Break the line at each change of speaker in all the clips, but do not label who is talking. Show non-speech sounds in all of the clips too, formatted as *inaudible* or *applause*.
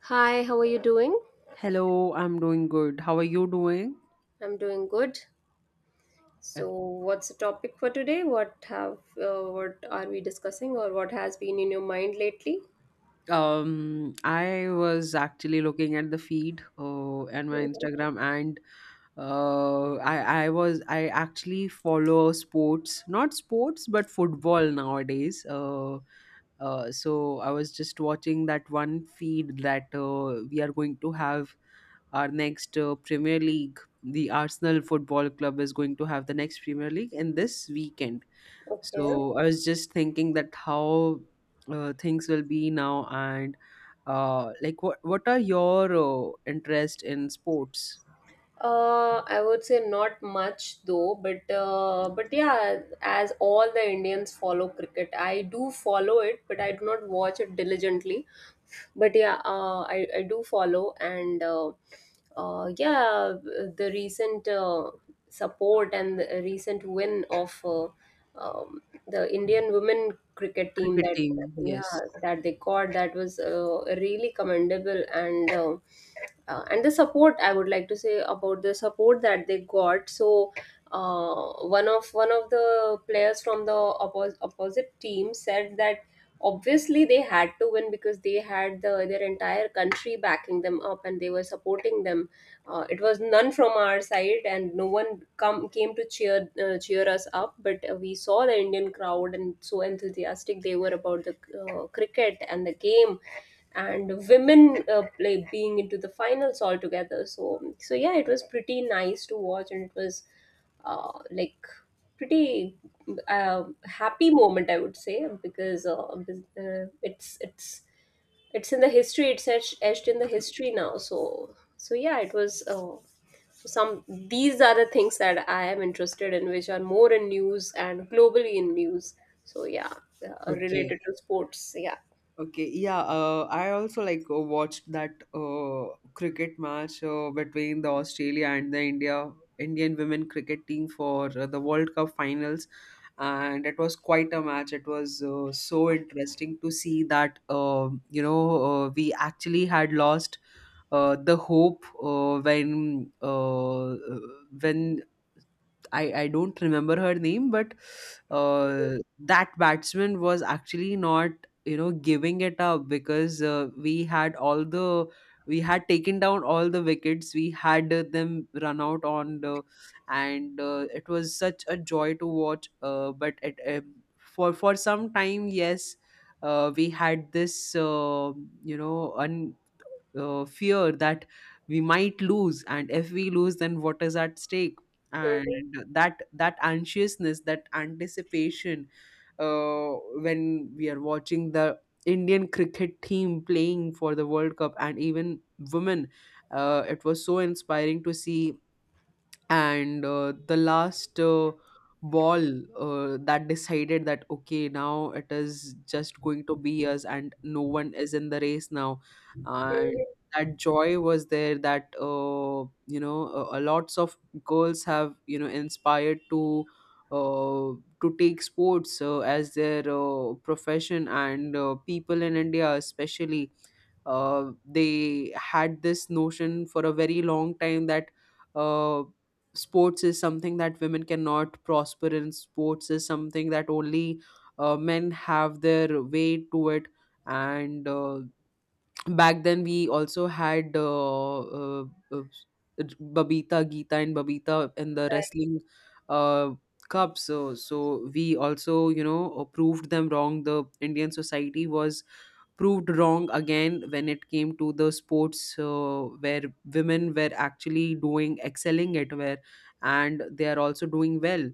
Hi, how are you doing?
Hello, I'm doing good. How are you doing?
I'm doing good. So, what's the topic for today? What are we discussing, or what has been in your mind lately?
I was actually looking at the feed and my
Mhm.
Instagram, and I actually follow sports, not sports, but football nowadays. So I was just watching that one feed that we are going to have our next Premier League. The Arsenal Football Club is going to have the next Premier League in this weekend.
Okay.
So I was just thinking that how things will be now, and like what are your interest in sports?
I would say not much though, but yeah, as all the Indians follow cricket, I do follow it, but I do not watch it diligently. But yeah I do follow and yeah, the recent support and the recent win of um, the indian women cricket team
Cricket
that
team,
yeah
yes.
that they got, that was really commendable. And and the support, I would like to say about the support that they got. So one of the players from the opposite team said that obviously they had to win because they had their entire country backing them up and they were supporting them. It was none from our side, and no one come came to cheer cheer us up. But we saw the Indian crowd and so enthusiastic they were about the cricket and the game, and women play being into the finals altogether. So so yeah, it was pretty nice to watch, and it was uh, like pretty happy moment I would say, because it's it's in the history, it's etched in the history now. So so yeah, it was some, these are the things that I am interested in, which are more in news and globally in news. So yeah,
Okay.
related to sports, yeah.
Okay. Yeah. I also like watched that cricket match between the Australia and the Indian women cricket team for the World Cup finals, and it was quite a match. It was so interesting to see that you know, we actually had lost the hope when I don't remember her name, but that batsman was actually not giving it up, because we had taken down all the wickets. We had them run out on the. And it was such a joy to watch. But it, for some time, yes, we had this you know un, fear that we might lose, and if we lose, then what is at stake,
Mhm,
and that anxiousness, that anticipation, uh, when we are watching the Indian cricket team playing for the World Cup, and even women, it was so inspiring to see. And the last ball that decided that, okay, now it is just going to be us, and no one is in the race now. And
mhm,
that joy was there, that you know, lots of girls have, inspired to uh, take sports as their profession. And people in India, especially, they had this notion for a very long time that uh, sports is something that women cannot prosper in. Sports is something that only men have their way to it. And back then we also had uh, Babita, Geeta, and Babita in the
right,
wrestling uh, cup. So, we also, proved them wrong. The Indian society was proved wrong again when it came to the sports, where women were actually doing, excelling at, where, and they are also doing well.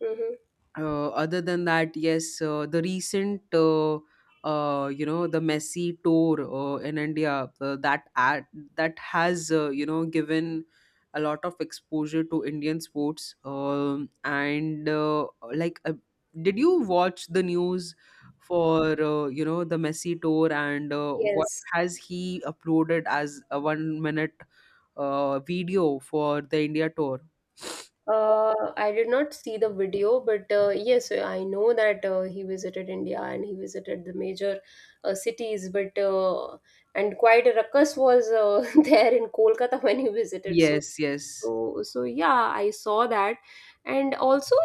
mhm.
Other than that, yes, the recent, the Messi tour in India, that ad, that has, given a lot of exposure to Indian sports. And like, did you watch the news for the Messi tour, and what
Yes.
has he uploaded as a 1 minute video for the India tour?
I did not see the video, but yes, I know that he visited India and he visited the major cities, but and quite a ruckus was *laughs* there in Kolkata when he visited. So
Yes, yes.
so so yeah, I saw that. And also,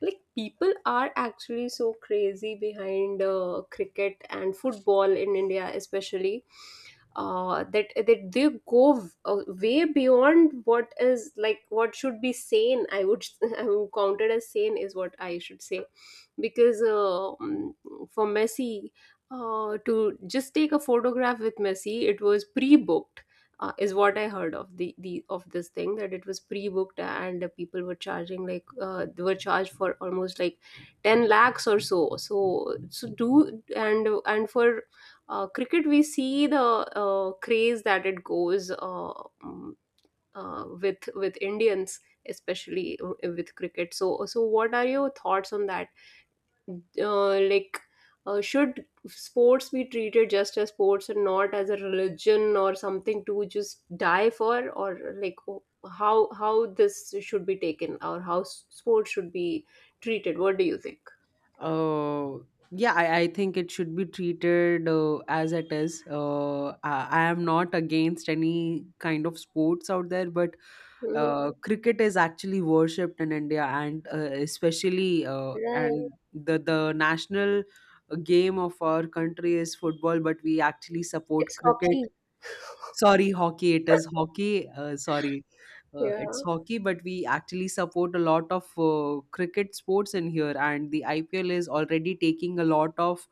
like, people are actually so crazy behind cricket and football in india, especially that they go way beyond what is like what should be sane. I would *laughs* I would counted as sane is what I should say, because for Messi to just take a photograph with Messi, it was pre-booked. Is what I heard of the of this thing that it was pre-booked, and the people were charging like they were charged for almost like 10 lakhs or so, so so do. And for cricket, we see the craze that it goes um, with Indians, especially with cricket. So so what are your thoughts on that, uh, like should sports be treated just as sports and not as a religion or something to just die for, or like how this should be taken, or how sports should be treated? What do you think?
Uh, yeah, I think it should be treated as it is. I am not against any kind of sports out there, but
Hmm.
cricket is actually worshipped in India, and especially,
Right.
and the national game of our country is football, but we actually support
It's
cricket.
hockey.
Sorry, hockey. It is hockey. Sorry,
Yeah.
it's hockey. But we actually support a lot of cricket sports in here, and the IPL is already taking a lot of.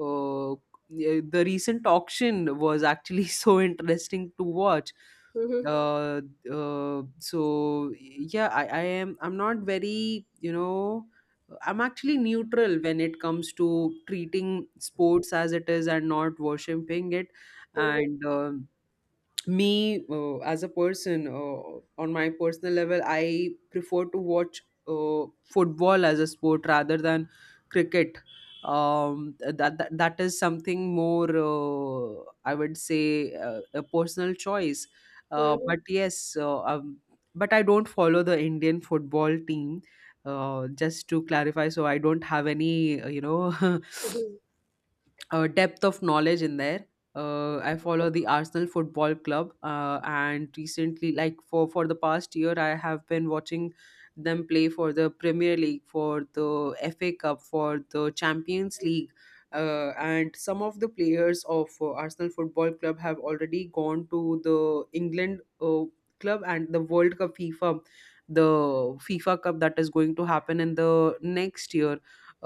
Uh, the recent auction was actually *laughs* so interesting to watch.
Hmm.
Uh, so yeah, I am. I'm not very. I'm actually neutral when it comes to treating sports as it is and not worshipping it, and. Me, as a person, on my personal level, I prefer to watch uh, football as a sport rather than cricket. That is something more, I would say, a personal choice. But yes, but I don't follow the Indian football team, just to clarify, so I don't have any *laughs*
Hmm.
depth of knowledge in there. I follow the Arsenal Football Club, and recently, like for the past year, I have been watching them play for the Premier League, for the FA Cup, for the Champions League, and some of the players of Arsenal Football Club have already gone to the England club, and the World Cup FIFA, the FIFA Cup that is going to happen in the next year.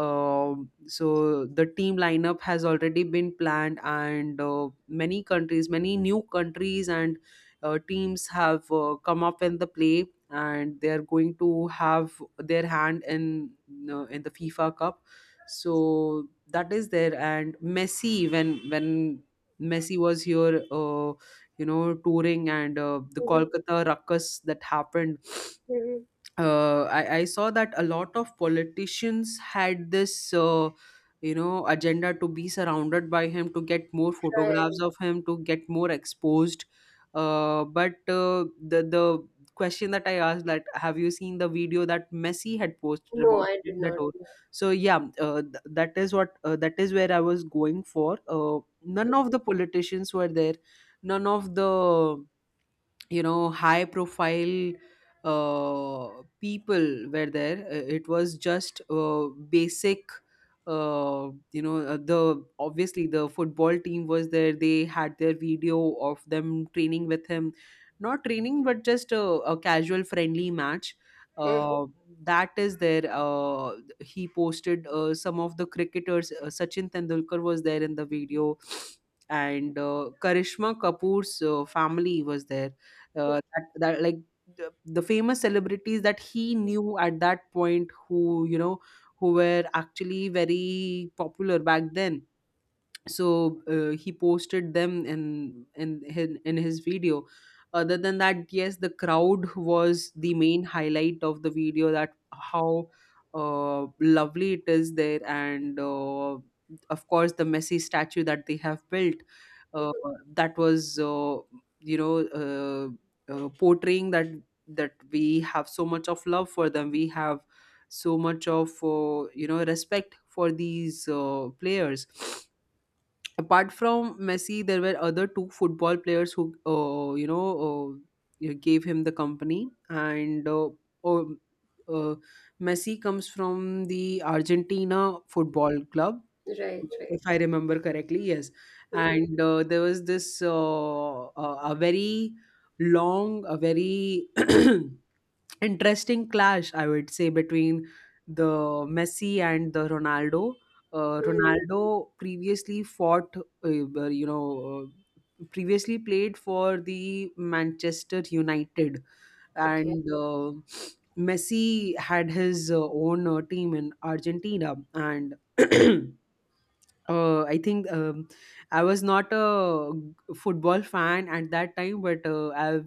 So the team lineup has already been planned, and many countries, many new countries, and teams have come up in the play, and they are going to have their hand in the FIFA Cup. So that is there, and Messi, when Messi was here, touring, and the
Mhm,
Kolkata ruckus that happened,
mhm.
I saw that a lot of politicians had this, agenda to be surrounded by him, to get more photographs
Right.
of him, to get more exposed. But the question that I asked, that, have you seen the video that Messi had posted
No,
about
I did
that
not
tour?
know.
So yeah, that is what, that is where I was going for. None of the politicians were there, none of the, high profile, uh, people were there. It was just basic, you know, the, obviously the football team was there, they had their video of them training with him, not training, but just a casual friendly match.
Mhm,
uh, that is there. He posted some of the cricketers. Sachin Tendulkar was there in the video, and Karishma Kapoor's family was there, uh,
mhm.
that, that like the famous celebrities that he knew at that point, who, who were actually very popular back then. So he posted them in his video. Other than that, yes, the crowd was the main highlight of the video, that how lovely it is there. And of course, the Messi statue that they have built, uh,
Mhm.
that was, portraying that, that we have so much of love for them, we have so much of, respect for these players. Apart from Messi, there were other two football players who, gave him the company. And um, uh, Messi comes from the Argentina football club,
Right, right.
if I remember correctly. Yes,
Mhm,
and there was this, a very long, a very *clears throat* interesting clash, I would say, between the Messi and the Ronaldo.
mm.
Ronaldo previously fought you know uh, previously played for the Manchester United.
Okay,
And Messi had his own team in Argentina, and *clears throat* I think, I was not a football fan at that time, but I've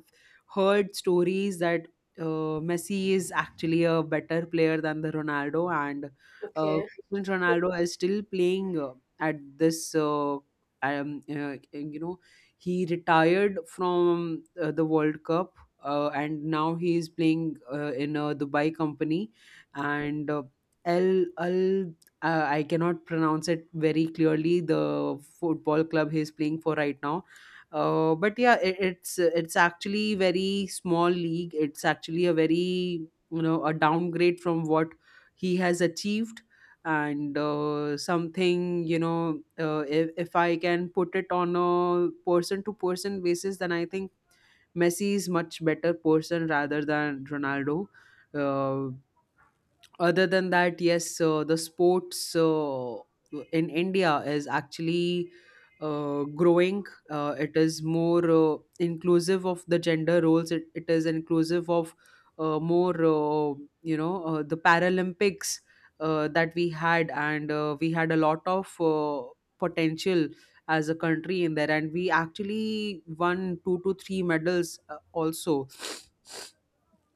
heard stories that Messi is actually a better player than the Ronaldo. And uh,
okay.
Cristiano Ronaldo is still playing at this. Um, uh, you know, he retired from the World Cup, and now he is playing in a Dubai company, and Al, Al, I cannot pronounce it very clearly. The football club he's playing for right now, but yeah, it's actually very small league. It's actually a very you know a downgrade from what he has achieved, and something, if I can put it on a person to person basis, then I think Messi is much better person rather than Ronaldo. Uh, Other than that, yes, the sports in India is actually growing. It is more inclusive of the gender roles. It is inclusive of more, the Paralympics that we had, and we had a lot of potential as a country in there, and we actually won two to three medals also.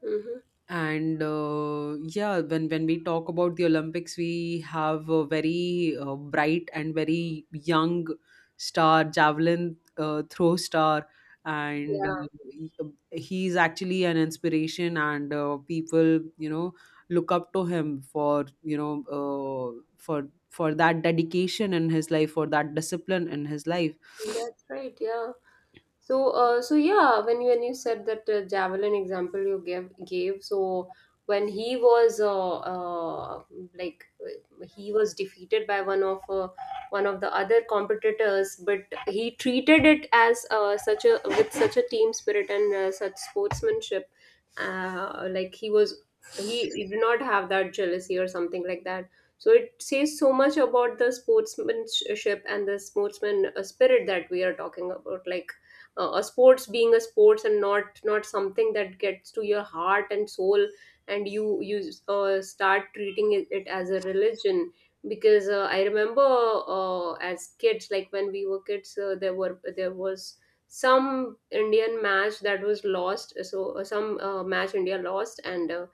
Hmm.
And yeah, when we talk about the Olympics, we have a very bright and very young star, javelin throw star, and
Yeah,
uh, he's actually an inspiration, and people, look up to him for, for that dedication in his life, for that discipline in his life.
that's right. Yeah. So, yeah, when when you said that javelin example you gave, so when he was he was defeated by one of the other competitors, but he treated it as such a with such a team spirit and such sportsmanship, uh, like he was he did not have that jealousy or something like that. So it says so much about the sportsmanship and the sportsman spirit that we are talking about, like a sports being a sports and not, not something that gets to your heart and soul, and you start treating it as a religion. Because I remember as kids, like when we were kids there were there was some indian match that was lost. So some match india lost, and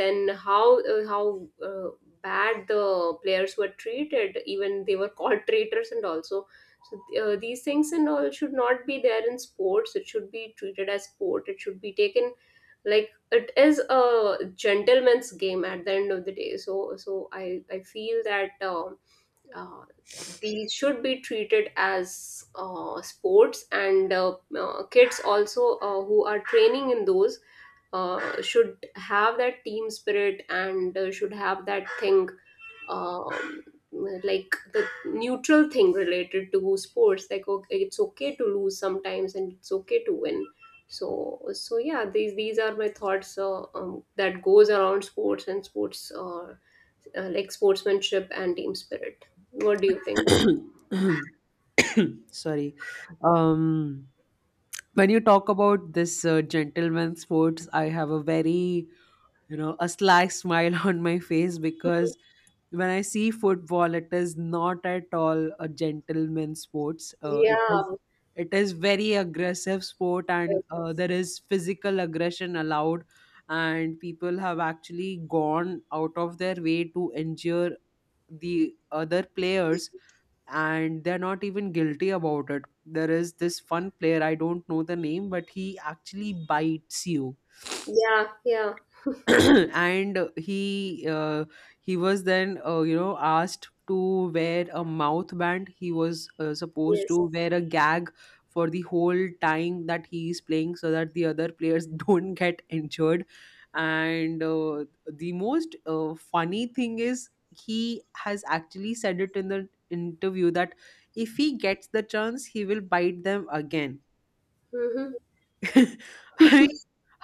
then how uh, bad the players were treated, even they were *laughs* called traitors and also. So these things and all should not be there in sports. It should be treated as sport. It should be taken like it is a gentleman's game at the end of the day. So so I feel that uh, these should be treated as sports, and kids also who are training in those should have that team spirit and should have that thing, um, like the neutral thing related to sports, like okay, it's okay to lose sometimes and it's okay to win. So so yeah, these are my thoughts that goes around sports and sports sportsmanship and team spirit. What do you think?
*coughs* *clears throat* Sorry. Um, when you talk about this gentleman sports, I have a very, a sly smile *laughs* on my face, because when I see football, it is not at all a gentleman sports. It is,
Yeah,
it is very aggressive sport, and there is physical aggression allowed, and people have actually gone out of their way to injure the other players, and they're not even guilty about it. There is this one player, I don't know the name, but he actually bites you
yeah, yeah,
*clears throat* and he was then asked to wear a mouth band. He was supposed to
yes,
wear a gag for the whole time that he is playing so that the other players *laughs* don't get injured. And uh, the most funny thing is he has actually said it in the interview that if he gets the chance he will bite them again.
mm-hmm,
*laughs* I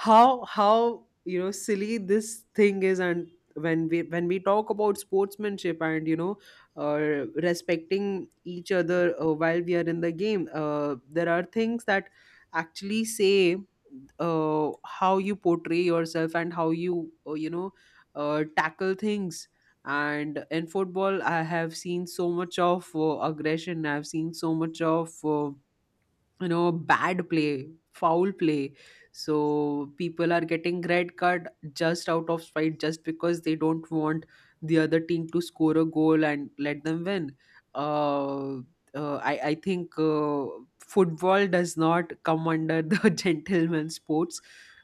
how you know silly this thing is. And when we talk about sportsmanship and respecting each other while we are in the game, there are things that actually say how you portray yourself and how you you know tackle things. And in football I have seen so much of aggression, I've seen so much of bad play, foul play. So people are getting red card just out of spite, just because they don't want the other team to score a goal and let them win. Uh, uh, I, I think football does not come under the *laughs* gentleman sports.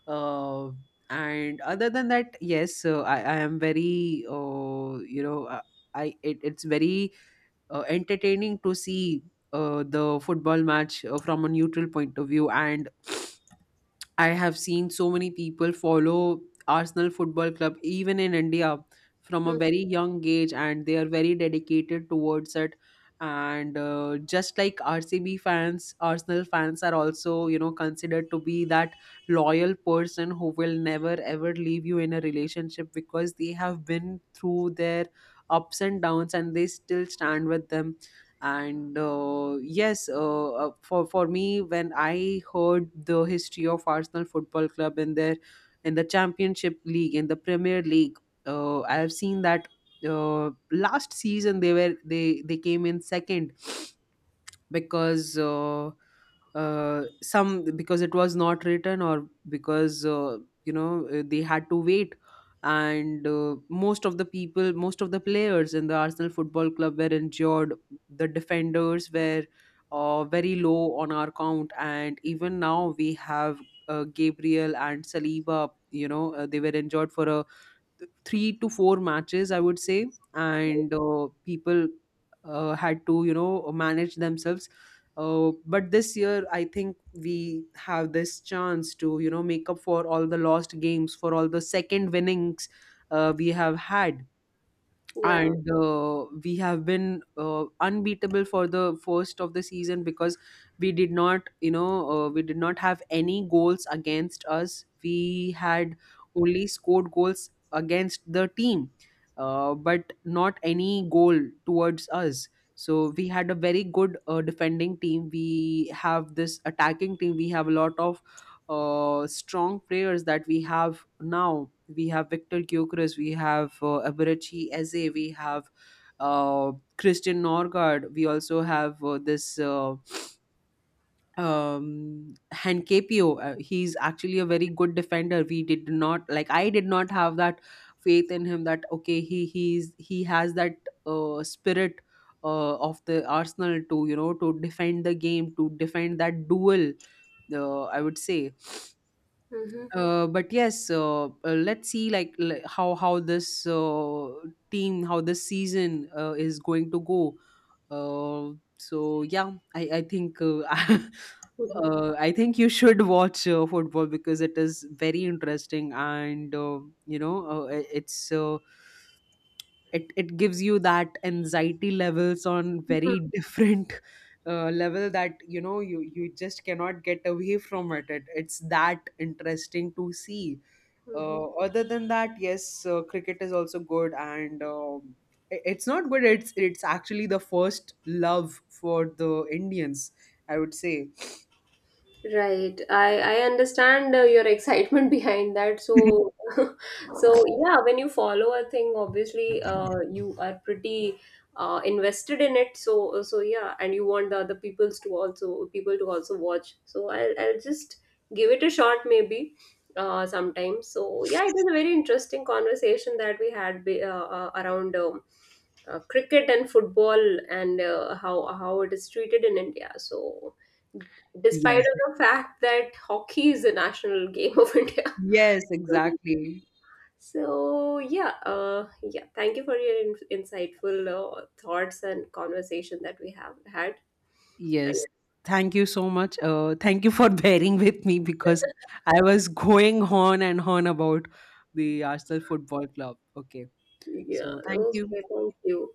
Uh, and other than that, yes, I am very you know I it's very entertaining to see the football match from a neutral point of view. And I have seen so many people follow Arsenal Football Club even in India from a very young age, and they are very dedicated towards it. And Just like RCB fans, Arsenal fans are also, you know, considered to be that loyal person who will never ever leave you in a relationship, because they have been through their ups and downs and they still stand with them. And for me, when I heard the history of Arsenal Football Club in their in the Championship League, in the Premier League, I have seen that last season they were they came in second because some, because it was not written, or because they had to wait. And most of the people most of the players in the Arsenal Football Club were injured. The defenders were very low on our count, and even now we have Gabriel and Saliba, you know, they were injured for a three to four matches, I would say. And People had to, you know, manage themselves. But this year, I think we have this chance to, you know, make up for all the lost games, for all the second winnings we have had.
yeah,
And We have been unbeatable for the first of the season, because we did not have any goals against us. We had only scored goals against the team, but not any goal towards us. So we had a very good defending team, we have this attacking team, we have a lot of strong players that we have now. We have Victor Gyökeres, we have Abarucci Eze, we have uh, Christian Norgard. We also have this Hankepio. He's actually a very good defender. We did not— like, I did not have that faith in him, that okay, he's he has that spirit of the Arsenal, to you know, to defend the game, to defend that duel, I would say.
mm-hmm,
But yes, let's see, like, how this team, how this season is going to go. So yeah, I think *laughs* I think you should *laughs* watch football, because it is very interesting. And you know I- it's it it gives you that anxiety levels on
mm-hmm,
very *laughs* different level, that you know, you just cannot get away from it. It it's that interesting to see.
mm-hmm.
Other than that, yes, cricket is also good. It's not good, it's actually the first love for the Indians, I would say.
Right. I understand your excitement *laughs* behind that. So
*laughs*
*laughs* so yeah, when you follow a thing, obviously you are pretty invested in it. So so yeah, and you want the other people's to also people to also watch. So I'll just give it a shot maybe sometimes. So yeah, it was a very interesting conversation that we had around cricket and football and how it is treated in India. So despite
Yes.
of the fact that hockey is the national game of *laughs* India.
Yes, exactly.
So yeah, yeah, thank you for your insightful thoughts and conversation that we have had. Thank
Yes, thank you so much. Thank you for *laughs* bearing with me, because I was going on and on about the Arsenal Football Club. Okay,
you. Yeah,
so thank you.
okay. Thank you.